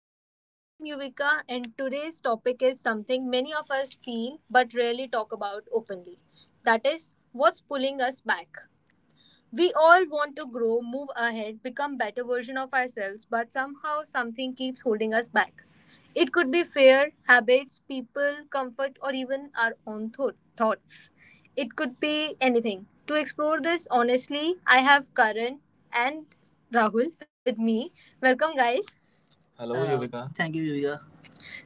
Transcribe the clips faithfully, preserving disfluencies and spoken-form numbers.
podcast. I am Yuvika, and today's topic is something many of us feel but rarely talk about openly. That is, what's pulling us back? We all want to grow, move ahead, become better version of ourselves, but somehow something keeps holding us back. It could be fear, habits, people, comfort, or even our own tho- thoughts. It could be anything. To explore this honestly, I have Karan and Rahul with me. Welcome, guys. Hello. Hello, Yuvika. Thank you, Yuvika.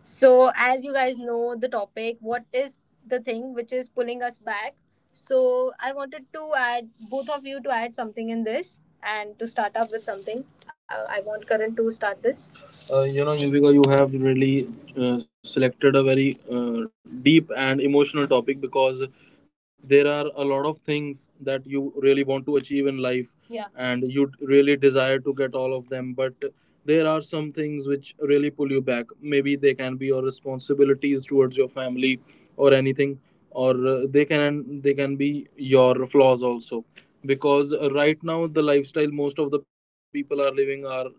So, as you guys know, the topic, what is the thing which is pulling us back? So, I wanted to add both of you to add something in this and to start up with something. Uh, I want Karan to start this. Uh, you know, Yuvika, you have really uh, selected a very uh, deep and emotional topic, because there are a lot of things that you really want to achieve in life, yeah, and you really desire to get all of them, but there are some things which really pull you back. Maybe they can be your responsibilities towards your family or anything, or uh, they can they can be your flaws also, because uh, right now the lifestyle most of the people are living are that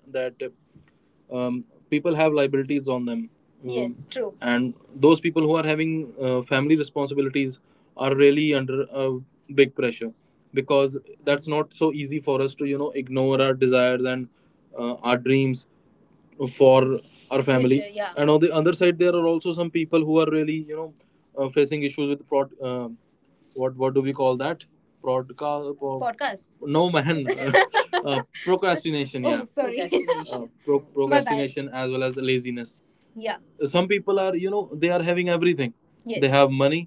um, people have liabilities on them um, Yes, true. And those people who are having uh, family responsibilities are really under a big pressure, because that's not so easy for us to you know ignore our desires and uh, our dreams for our family future, yeah, and on the other side there are also some people who are really you know uh, facing issues with prod um what what do we call that, broadcast, podcast, no man, uh, procrastination, yeah. Oh yeah, sorry. uh, Procrastination. Uh, pro- procrastination as well as laziness, yeah. Some people are, you know they are having everything. Yes. They, yes, have money,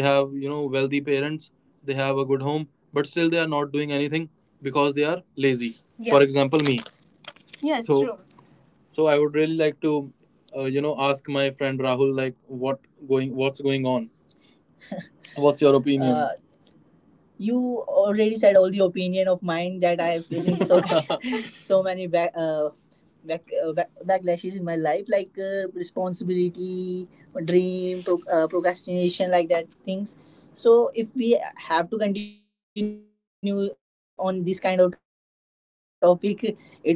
they have, you know wealthy parents, they have a good home, but still they are not doing anything because they are lazy, yeah. For example, me. Yes, so true. So I would really like to, uh, you know, ask my friend Rahul, like what going what's going on. What's your opinion? Uh, you already said all the opinion of mine that I have facing, so so many back uh, back, uh, back backlashes in my life, like uh, responsibility, dream, pro- uh, procrastination, like that things. So if we have to continue on this kind of topic, it's really emotional for me as well. So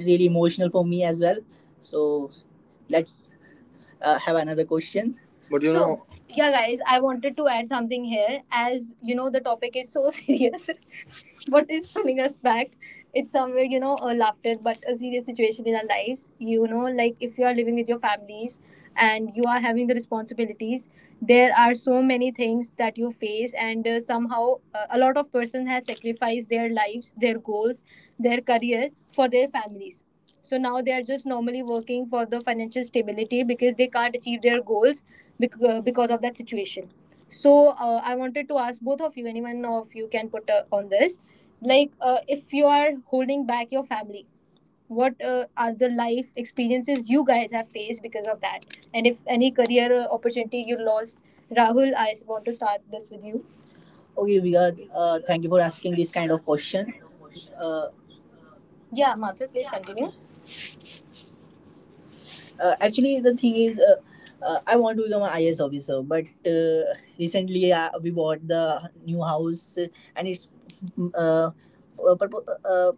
let's uh, have another question. But you so, know, yeah, guys, I wanted to add something here. As you know, the topic is so serious. What is pulling us back, it's somewhere, you know a laughter but a serious situation in our lives. You know like if you are living with your families and you are having the responsibilities, there are so many things that you face, and uh, somehow uh, a lot of person has sacrificed their lives, their goals, their career for their families, so now they are just normally working for the financial stability because they can't achieve their goals bec- uh, because of that situation. So uh, I wanted to ask both of you, anyone of you can put uh, on this, like uh, if you are holding back your family, what uh, are the life experiences you guys have faced because of that? And if any career uh, opportunity you lost, Rahul, I s- want to start this with you. Okay, Vigat, uh, thank you for asking this kind of question. Uh, Yeah, Mathur, please continue. Uh, actually the thing is, uh, uh, I want to become an is officer, but uh, recently uh, we bought the new house, uh, and it's mm, uh, uh, purpo- uh, uh,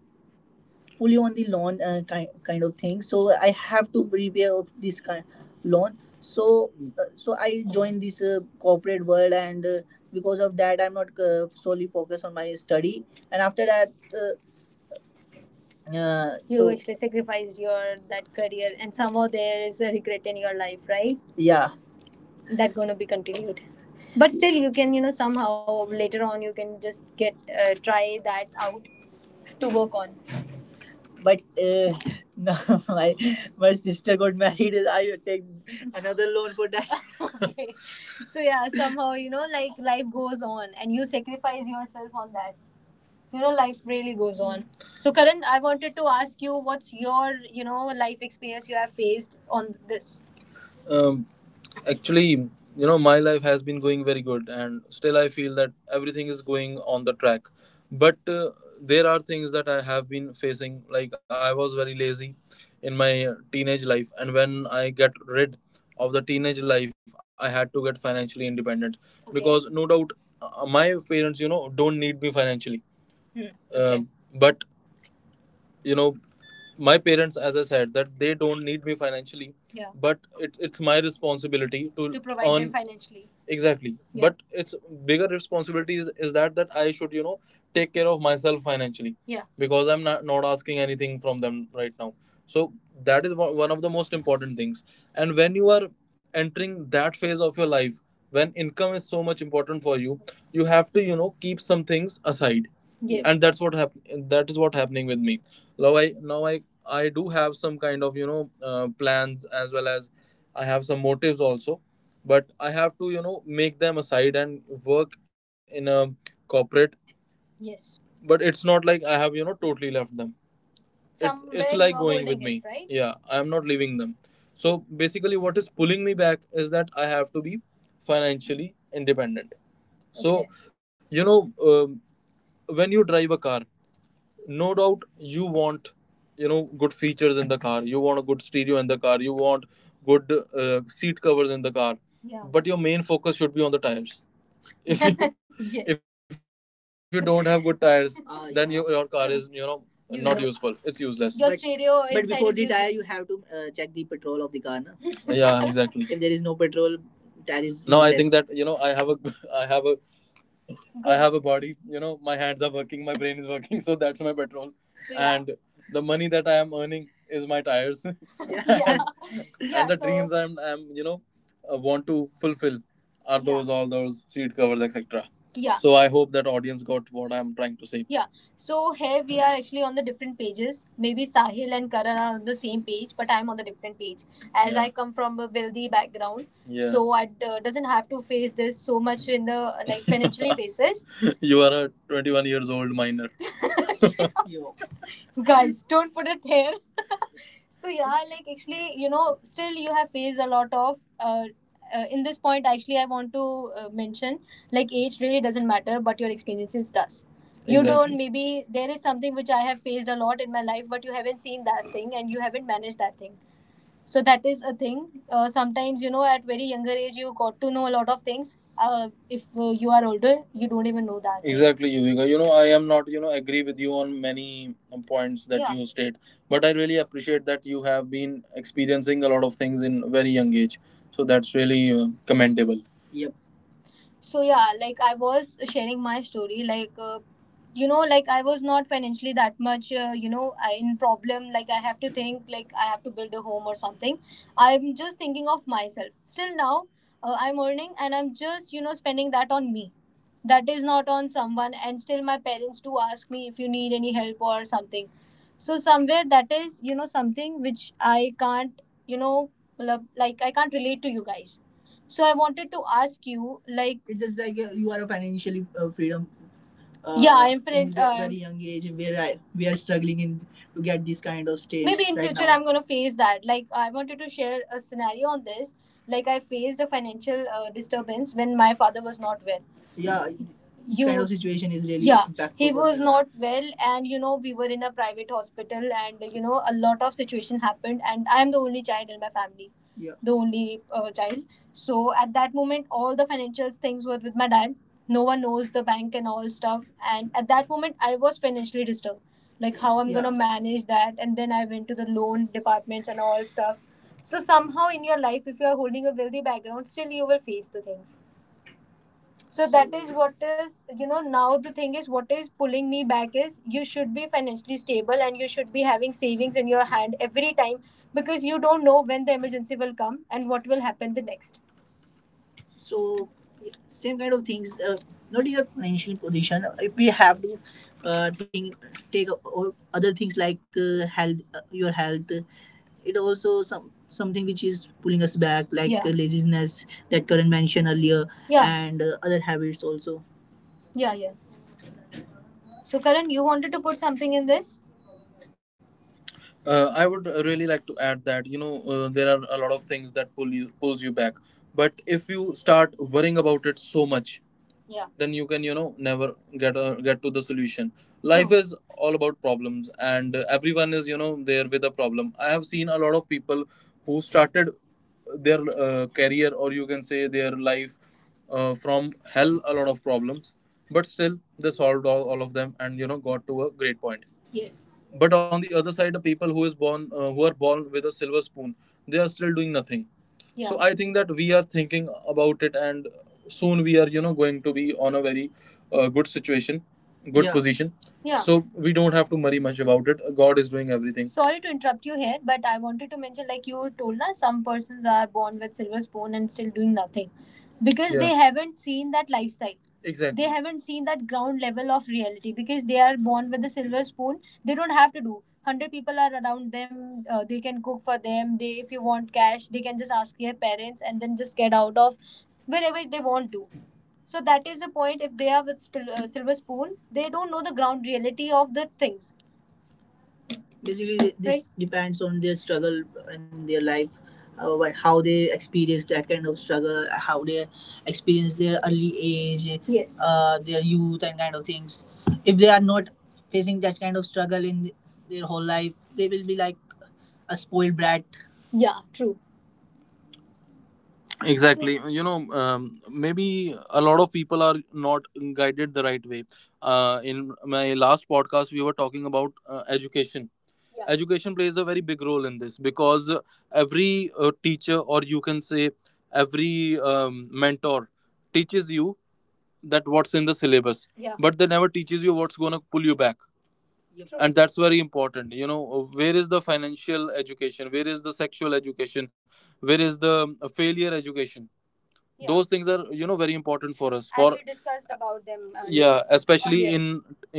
fully on the loan, uh, kind, kind of thing. So I have to prepare of this kind loan. So uh, so I joined this uh, corporate world, and uh, because of that I'm not uh, solely focused on my study. And after that uh, yeah, you so actually sacrificed your that career, and somehow there is a regret in your life, right? Yeah, that gonna be continued, but still you can, you know somehow later on you can just get uh, try that out to work on, but uh, no, my my sister got married. I will take another loan for that. Okay, so yeah, somehow, you know like life goes on and you sacrifice yourself on that you know Life really goes on. So Karan, I wanted to ask you, what's your you know life experience you have faced on this? um, Actually, you know, my life has been going very good and still I feel that everything is going on the track, but uh, there are things that I have been facing, like I was very lazy in my teenage life, and when I get rid of the teenage life, I had to get financially independent. Okay, because no doubt uh, my parents, you know don't need me financially. Okay. Um, but you know, my parents, as I said, that they don't need me financially. Yeah. But it, it's my responsibility to, to provide them earn- financially. Exactly. Yeah. But it's bigger responsibility is, is that that I should, you know, take care of myself financially. Yeah. Because I'm not not asking anything from them right now. So that is one one of the most important things. And when you are entering that phase of your life when income is so much important for you you have to, you know, keep some things aside. Yes. And that's what happened, that is what happening with me now. I now i i do have some kind of, you know uh, plans as well as I have some motives also, but I have to, you know, make them aside and work in a corporate. Yes. But it's not like I have, you know, totally left them. It's it's somewhere, you like are going with holding it, me, right? Yeah, I am not leaving them. So basically what is pulling me back is that I have to be financially independent. So, okay. you know um, when you drive a car, no doubt you want, you know, good features in the car, you want a good stereo in the car, you want good uh, seat covers in the car, yeah. But your main focus should be on the tires, if you yes, if you don't have good tires, ah, then yeah, you, your car is, you know, useless, not useful, it's useless. Your but- stereo but before is the useless tire, you have to uh, check the petrol of the car, na? Yeah, exactly. If there is no petrol, tire is no useless. I think that, you know, I have a i have a I have a body. You know, my hands are working, my brain is working, so that's my petrol. So, yeah. And the money that I am earning is my tires. Yeah, yeah, and the so, dreams I'm, I'm you know, uh, want to fulfill are those, yeah, all those seat covers, et cetera. Yeah. So I hope that audience got what I'm trying to say. Yeah. So here we are actually on the different pages. Maybe Sahil and Karan are on the same page, but I'm on the different page as, yeah, I come from a wealthy background. Yeah. So I uh, doesn't have to face this so much in the uh, like financially basis. You are a twenty-one years old years old minor. Guys, don't put it here. So yeah, like actually, you know, still you have faced a lot of uh, uh, in this point. Actually I want to uh, mention, like, age really doesn't matter but your experiences does. You, exactly, don't, exactly, maybe there is something which I have faced a lot in my life, but you haven't seen that thing and you haven't managed that thing, so that is a thing. Uh, sometimes, you know, at very younger age you got to know a lot of things, uh, if uh, you are older you don't even know that. Exactly, Yuvika. You know, I am not, you know, agree with you on many um, points that yeah you state, but I really appreciate that you have been experiencing a lot of things in very young age. So that's really uh, commendable. So yeah, like I was sharing my story, like uh, you know like I was not financially that much uh, you know I, in problem, like I have to think like I have to build a home or something. I'm just thinking of myself. Still now uh, I'm earning and I'm just you know spending that on me, that is not on someone. And still my parents do ask me if you need any help or something, so somewhere that is you know something which I can't you know मतलब, like I can't relate to you guys. So I wanted to ask you, like, it's just like uh, you are a financially uh, freedom. Uh, yeah, I'm in friend. The Uh, very young age where I, we are struggling in to get this kind of maybe stage in right future. Now I'm going to face that, like I wanted to share a scenario on this. Like, I faced a financial uh, disturbance when my father was not well. Yeah, this kind you of you situation is really yeah he impactful for was me not well. And you know we were in a private hospital, and you know a lot of situation happened, and I'm the only child in my family. Yeah, the only uh, child. So at that moment, all the financial things were with my dad. No one knows the bank and all stuff. And at that moment, I was financially disturbed. Like how I'm yeah gonna manage that. And then I went to the loan departments and all stuff. So somehow in your life, if you are holding a wealthy background, still you will face the things. So that is what is you know, now the thing is what is pulling me back is you should be financially stable and you should be having savings in your hand every time, because you don't know when the emergency will come and what will happen the next. So yeah, same kind of things, uh, not in your financial position. If we have to uh, think take o- o- other things like uh, health, uh, your health, it also some something which is pulling us back, like yeah, uh, laziness that Karan mentioned earlier, yeah, and uh, other habits also. Yeah, yeah. So Karan, you wanted to put something in this. uh, I would really like to add that you know uh, there are a lot of things that pull you pulls you back, but if you start worrying about it so much, yeah, then you can you know never get a, get to the solution. Life true. Is all about problems, and uh, everyone is you know there with a problem. I have seen a lot of people who started their uh, career, or you can say their life, uh, from hell a lot of problems, but still they solved all, all of them and you know got to a great point. Yes, but on the other side, the people who is born uh, who are born with a silver spoon, they are still doing nothing. Yeah. So I think that we are thinking about it, and soon we are you know going to be on a very uh, good situation, good. Yeah. Position. Yeah. So we don't have to worry much about it. God is doing everything. Sorry to interrupt you here, but I wanted to mention, like, you told us some persons are born with silver spoon and still doing nothing because yeah they haven't seen that lifestyle, they exactly haven't seen that ground level of reality. Because they are born with a silver spoon, they don't have to do. one hundred people are around them. Uh, they can cook for them, they if you want cash, they can just ask their parents and then just get out of wherever they want to. So that is the point. If they are with spil- uh, silver spoon, they don't know the ground reality of the things. Basically, right, this right? Depends on their struggle in their life, uh, what, how they experience that kind of struggle, uh, how they experience their early age, yes, uh, their youth and kind of things. If they are not facing that kind of struggle in their whole life, they will be like a spoiled brat. Yeah, true, exactly. You know um, maybe a lot of people are not guided the right way, uh, in my last podcast we were talking about uh, education. Yeah. Education plays a very big role in this, because uh, every uh, teacher, or you can say every um, mentor, teaches you that what's in the syllabus. Yeah. But they never teaches you what's going to pull you back. Yep. And that's very important, you know. Where is the financial education, where is the sexual education, where is the uh, failure education? Yeah, those things are you know very important for us. And for And we discussed about them uh, yeah, especially the in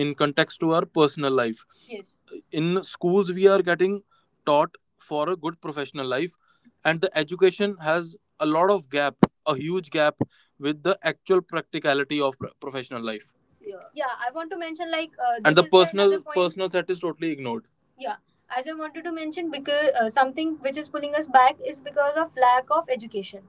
in context to our personal life. Yes, in schools we are getting taught for a good professional life, and the education has a lot of gap, a huge gap with the actual practicality of pr- professional life. Yeah. Yeah, I want to mention like uh, this and the is another personal point personal set is totally ignored. Yeah, as I wanted to mention, because uh, something which is pulling us back is because of lack of education.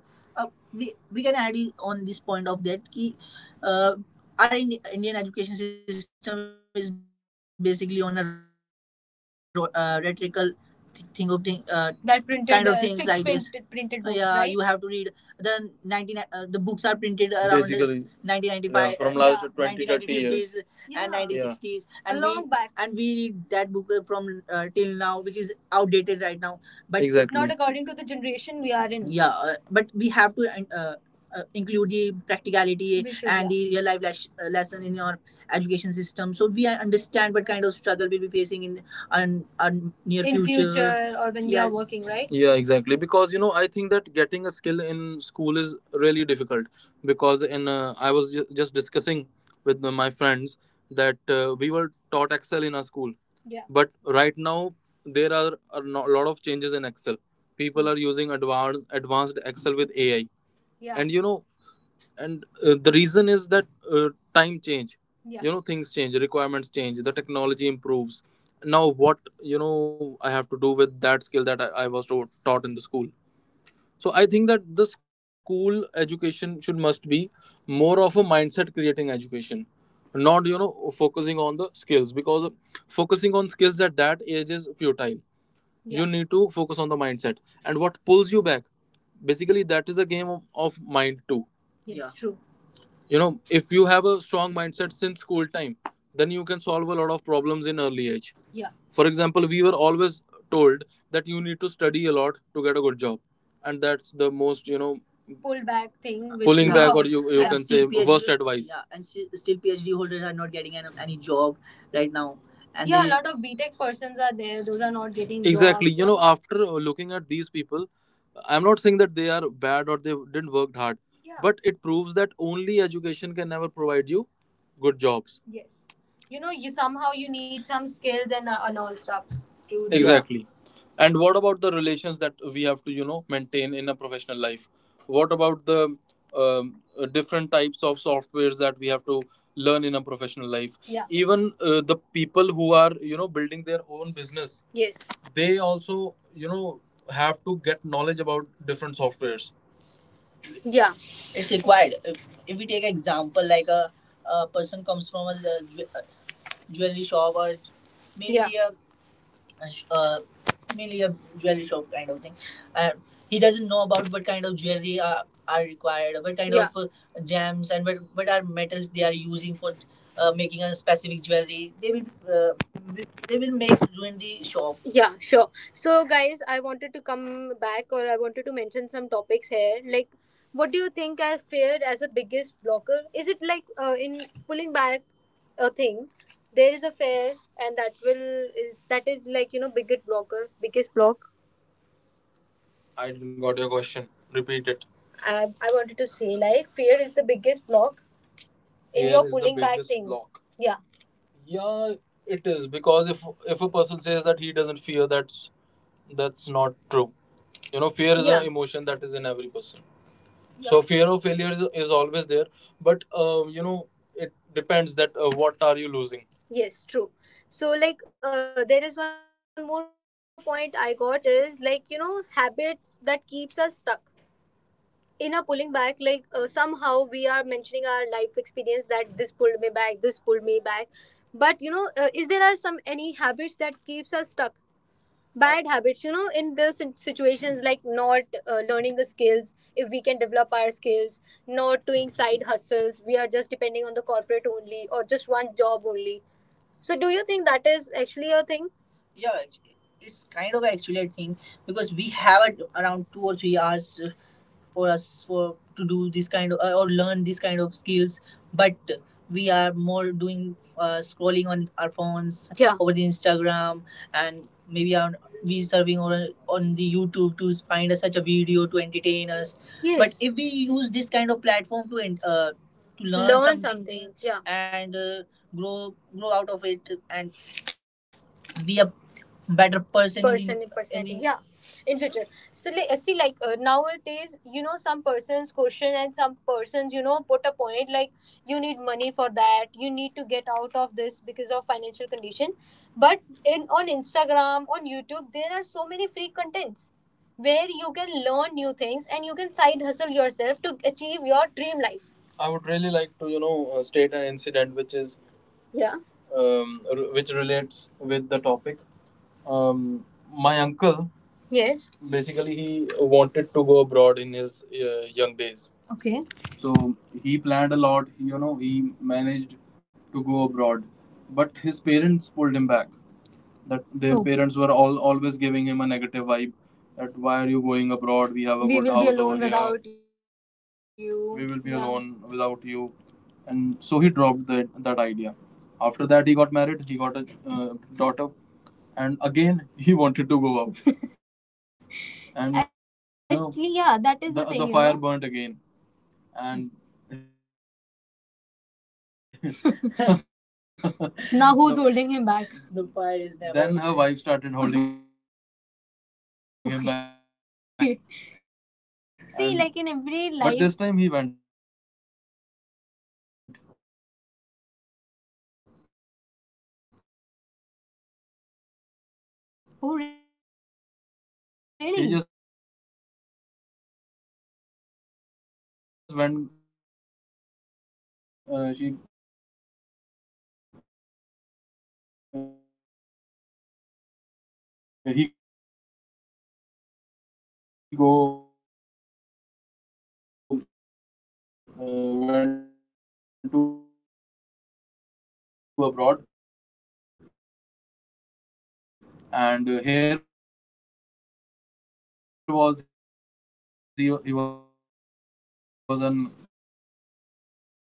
we, we can add in on this point of that ki, uh, our Indi- Indian education system is basically on a ro- uh, rhetorical th- thing of thing, uh, that printed kind of uh, things like this. Printed, printed Uh, books, yeah, right? You have to read the nineteen uh, the books are printed around the basically nineteen ninety-five, yeah, from uh, last uh, yeah, twenty thirty years. Yeah. And nineteen sixties, yeah, nineteen sixties a and long we back. And we read that book uh, from uh, till now, which is outdated right now, but exactly not according to the generation we are in. Yeah, uh, but we have to uh, uh, include the practicality we should, and yeah, the real life les- uh, lesson in your education system, so we understand what kind of struggle we'll be facing in our, our near in future, future, or when we yeah are working, right? Yeah, exactly. Because you know, I think that getting a skill in school is really difficult. Because in uh, I was ju- just discussing with the- my friends that uh, we were taught Excel in our school, yeah, but right now there are a no- lot of changes in Excel. People are using advanced advanced Excel with AI, yeah. And you know, and uh, the reason is that uh, time change, yeah, you know, things change, requirements change, the technology improves. Now what you know I have to do with that skill that i, I was taught taught in the school? So I think that the school education should must be more of a mindset creating education, not you know focusing on the skills, because focusing on skills at that age is futile, yeah. You yeah need to focus on the mindset and what pulls you back. Basically, that is a game of, of mind too. Yes, yeah, true. You know, if you have a strong mindset since school time, then you can solve a lot of problems in early age. Yeah, for example, we were always told that you need to study a lot to get a good job, and that's the most you know pull back thing which pulling yeah back or you you and can say still PhD, worst advice, yeah, and sti- still PhD holders are not getting any, any job right now. And yeah they- a they- lot of B tech persons are there, those are not getting exactly jobs. You know, after uh, looking at these people, I'm not saying that they are bad or they didn't work hard, yeah, but it proves that only education can never provide you good jobs. Yes, you know, you somehow you need some skills and uh, and all stuffs to do. Exactly. And what about the relations that we have to, you know, maintain in a professional life? What about the um, uh, different types of softwares that we have to learn in a professional life? Yeah. Even uh, the people who are, you know, building their own business. Yes. They also, you know, have to get knowledge about different softwares. Yeah. It's required. If, if we take example like a, a person comes from a, ju- jewelry shop or maybe yeah a uh, mainly a jewelry shop kind of thing. Uh, he doesn't know about what kind of jewelry are, are required, what kind yeah of uh, gems and what, what are metals they are using for uh, making a specific jewelry. They will uh, wi- they will make ruin the shop. Yeah, sure. So, guys, I wanted to come back, or I wanted to mention some topics here. Like, what do you think I failed as a biggest blocker? Is it like uh, in pulling back a thing, there is a fair, and that will is that is like you know biggest blocker, biggest block. I didn't got your question. Repeat it. I, I wanted to say like fear is the biggest block in Fear your is the pulling back biggest thing block. Yeah Yeah, it is because if if a person says that he doesn't fear, that's that's not true. You know, fear is yeah an emotion that is in every person, so fear of failure is, is always there, but uh, you know, it depends that uh, what are you losing? Yes, true. So like, uh, there is one more point I got is like, you know, habits that keeps us stuck in a pulling back. Like uh, somehow we are mentioning our life experience that this pulled me back, this pulled me back, but you know, uh, is there are some any habits that keeps us stuck, bad habits, you know, in the sit- situations like not uh, learning the skills? If we can develop our skills, not doing side hustles, we are just depending on the corporate only or just one job only. So do you think that is actually a thing? Yeah, it's it's kind of actually a thing, because we have a, around two or three hours for us for to do this kind of uh, or learn this kind of skills, but we are more doing uh, scrolling on our phones, yeah, over the Instagram, and maybe on we serving on on the YouTube to find us such a video to entertain us. But yes, if we use this kind of platform to en- uh, to learn learn something something yeah, and uh, grow, grow out of it, and be a better person, person in, person, in yeah, in future. So li- see, like, uh, nowadays you know, some persons question and some persons, you know, put a point like you need money for that, you need to get out of this because of financial condition. But in on Instagram, on YouTube, there are so many free contents where you can learn new things and you can side hustle yourself to achieve your dream life. I would really like to, you know, uh, state an incident which is yeah um, r- which relates with the topic. Um, my uncle. Yes. Basically, he wanted to go abroad in his uh, young days. Okay. So he planned a lot. You know, he managed to go abroad, but his parents pulled him back, that their True. Parents were all always giving him a negative vibe that why are you going abroad? We have a We good will be house over alone over here without you. We you. Will be Yeah. alone without you and So he dropped that that idea. After that, he got married, he got a uh, daughter, and again he wanted to go out and you know, Actually, yeah, that is the the thing, the you fire know. Burnt again. And now who's The- holding him back? The pie is never. Then her wife started holding okay. him back. Okay. See, And- like in every life. But this time he went. Oh, really? He Really? Just went. Uh, she uh, he go uh, went to abroad, and uh, here was he he was an government employee. He just, you know, uh, took some Earning a holidays little- from yeah. the yeah. government, uh, and uh, from he- sorry, from his government job, okay, and went abroad. And over there he started working. He was working as a gatekeeper, and his wife came with him, and they left. Uh, you know, left that. Uh, mm, So that is the thing, you know. He uh, just left that yeah. country yeah. within three months and came back. Okay. So okay. basically, his wife and his parents were continuously pulling him back. And one more thing that he just wanted a comfort life. Yeah, and that is not a bad thing. Okay, so this uh, with this story, we get to know like every every person, every situation, or every second of your life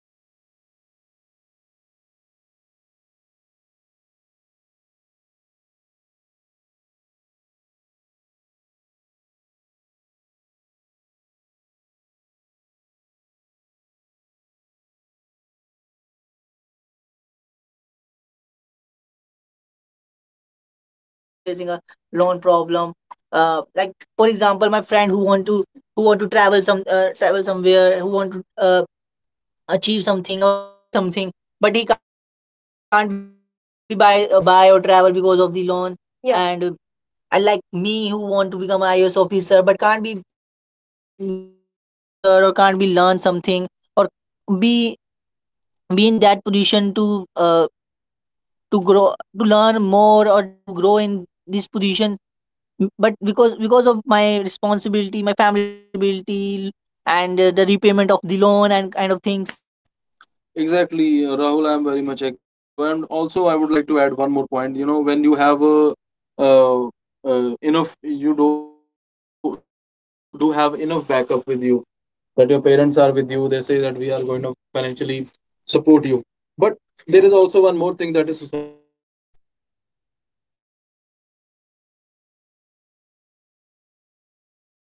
that can lead to uh, pulling you back in your career or in your future. So you should be taking your, you should be coming out of that, uh, and then you should take that risk once in your life. Yeah, it basically depend, uh, it's mainly depend on the uh, situation of the yeah person facing life in real life. Like someone is facing a marriage problem, someone facing his family Someone facing a problem, someone facing loan a problem, loan uh, problem. like for Uh, example Like my for friend who example, want my to friend who who want want to to travel who some want to uh, travel travel some uh, somewhere, who travel want to somewhere, who uh, want to uh, achieve something or achieve buy something or something, buy but he something, can't be but buy he uh, can't be buy or buy uh, travel because buy or of the travel loan, because of the yeah. loan. And uh, Yeah. And uh, I, like me, I who like want to me become who I a I S want to become officer an but I A S can't be officer, but become a, can't be can't become a, become an I a I S can't be become officer, or an can't be I A S learn officer, or something can't be or learn something be or be be in that position be in to that uh, position to uh, to grow, to to learn grow, more, or to to learn grow in more, or this to grow position, in this M- but position, because because of but my because because of my responsibility, my family responsibility, my family responsibility, and uh, the responsibility, repayment of the and uh, loan the and kind of repayment of the things. loan and kind of things. Exactly, uh, Rahul, I'm very much agree with Exactly, you. uh, And Rahul. I'm also, very I would much like agree to with add you, one more and point. You also know, I would when you like to have add one a more point. You know, when uh, you have a uh, enough, uh, you do uh, enough, do you have do do enough have enough backup with backup with you, you, that your that your parents are parents are with with you. you. They They say say that that we are we are going to going to financially financially support support you. you. But But there is there are also one also more one thing, more that thing, is society. that is society. You know, in society, you have to face different people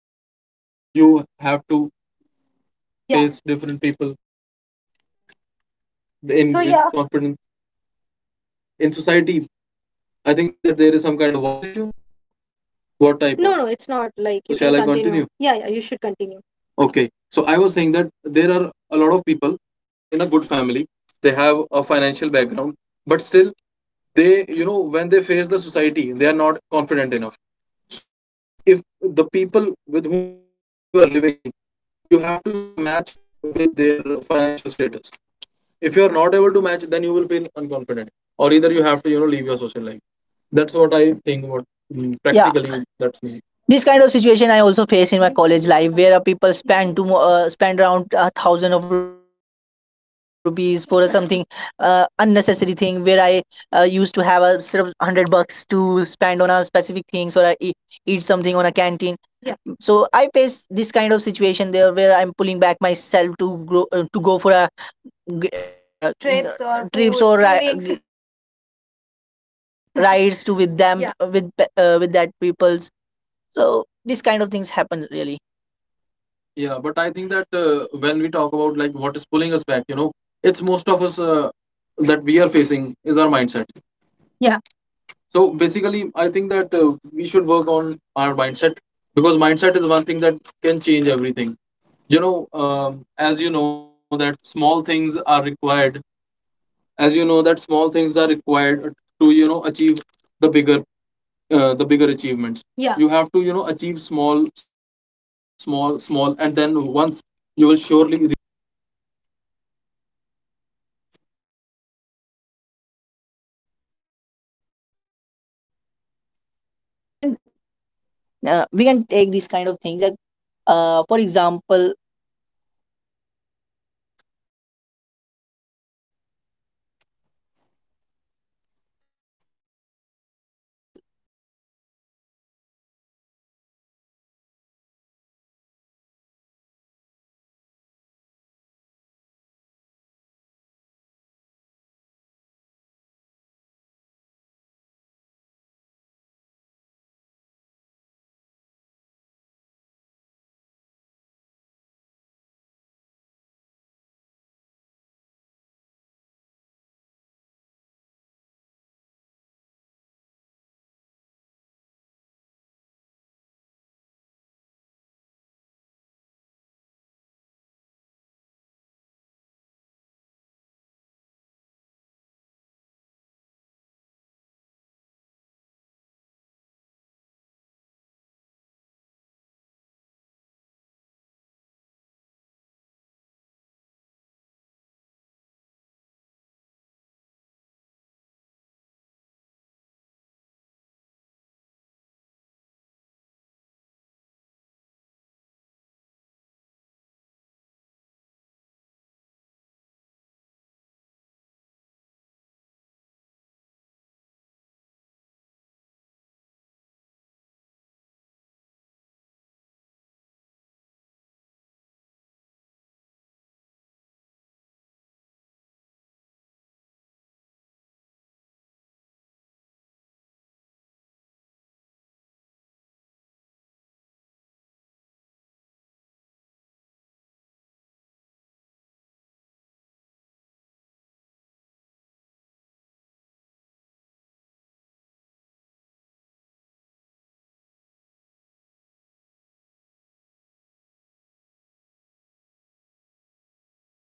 If if you with have to confidence, then you have to, if you have to Yeah. face different people Yeah. face different people in, so, in yeah. confidence, in So with yeah, confidence. in society, In I think society, that there is some kind of I voice think issue. that there is Yeah. some kind of voice issue. What type? Yeah. No, of? No, it's not. What Like type? So No, of? shall I no, it's continue. not Continue? like. Yeah, So yeah, you shall I should continue? Continue? continue. Yeah, yeah, you should Okay. continue. So I was saying that Okay. there So I are was a saying lot that of there people are who a are lot of born people in a good who are family. born They in a have good a family. financial They have background, a but financial still background they, you know, when they face the society, in they are not confident society. enough. They are not So confident. if So the if people the with whom people you are with living, whom you are living, you have you to, you know, have to match match with with their their financial financial status. status. If you are If not you are able to not match, able to then match, you will then you feel will face unconfident, hospital, or either you or have to, either you you know, leave have to, your you know, social leave life. your society. That's what I That's what think. I What think. mm, yeah, practically that's me, this kind of situation I also face in my college life, where uh, people spend two uh, spend around a thousand of rupees for something uh, unnecessary thing, where I uh, used to have a sort of one hundred bucks to spend on a specific things or I eat, eat something on a canteen, yeah. So I face this kind of situation there, where I'm pulling back myself to grow, uh, to go for a g- uh, Trips or trips food, or ri- tourings. rides to with them, yeah. With pe- uh, with that people's. So these kind of things happen, really. Yeah, but I think that uh, when we talk about like what is pulling us back, you know, it's most of us uh, that we are facing is our mindset. Yeah. So basically, I think that uh, we should work on our mindset, because mindset is one thing that can change everything. You know, um, as you know, that small things are required as you know that small things are required to, you know, achieve the bigger, uh, the bigger achievements. Yeah. You have to, you know, achieve small small small, and then once you will surely reach the bigger point, and that is really important, एक minute ही पकड़ूंगा फिर फेंक दूंगा मैं. yeah. We can uh, we can take these kind of things, like uh, for example, uh, Uh, Yes, true. yes, true. So Rahul, as you were said uh, you So were Rahul, saying as that you were uh, said, uh, you were uh, saying that uh, r- regarding the uh, social issues regarding the social Sorry to issues that we interrupt have you, to yeah Isaiah. Face. Really Like, Sorry to yeah that we I, interrupt have you, I'm to you, giving guys. you Face. uh, Like, example, yeah, like I you I saying giving that you the the small example, like habits you make a saying that great the change small in your habits make a uh, great when you change are in your when your uh, life is when pulling you back. For are, example, when your i life is pulling i back. For was example, just joining a I gym, I but was uh, just joining a gym, uh, but joining uh, a gym and not uh, going a joining a regular gym on a and regular not basis, going a but uh, regular on a recent days regular basis, but I uh, re- decide recent myself days I that I uh, have to decide go myself there that and just I have to go uh, there spend and ten minutes just at uh, least, spend ten but minutes at uh, least, that, and but spending uh, that ten that, minutes and spending that make ten me to do minute uh, more make something or me to do Yeah, more exactly, so Rahul. something. Or See, I, yeah, I really exactly, got Rahul. you that, See, you I know, I really um, got you that, you spending know, money on um, spending money on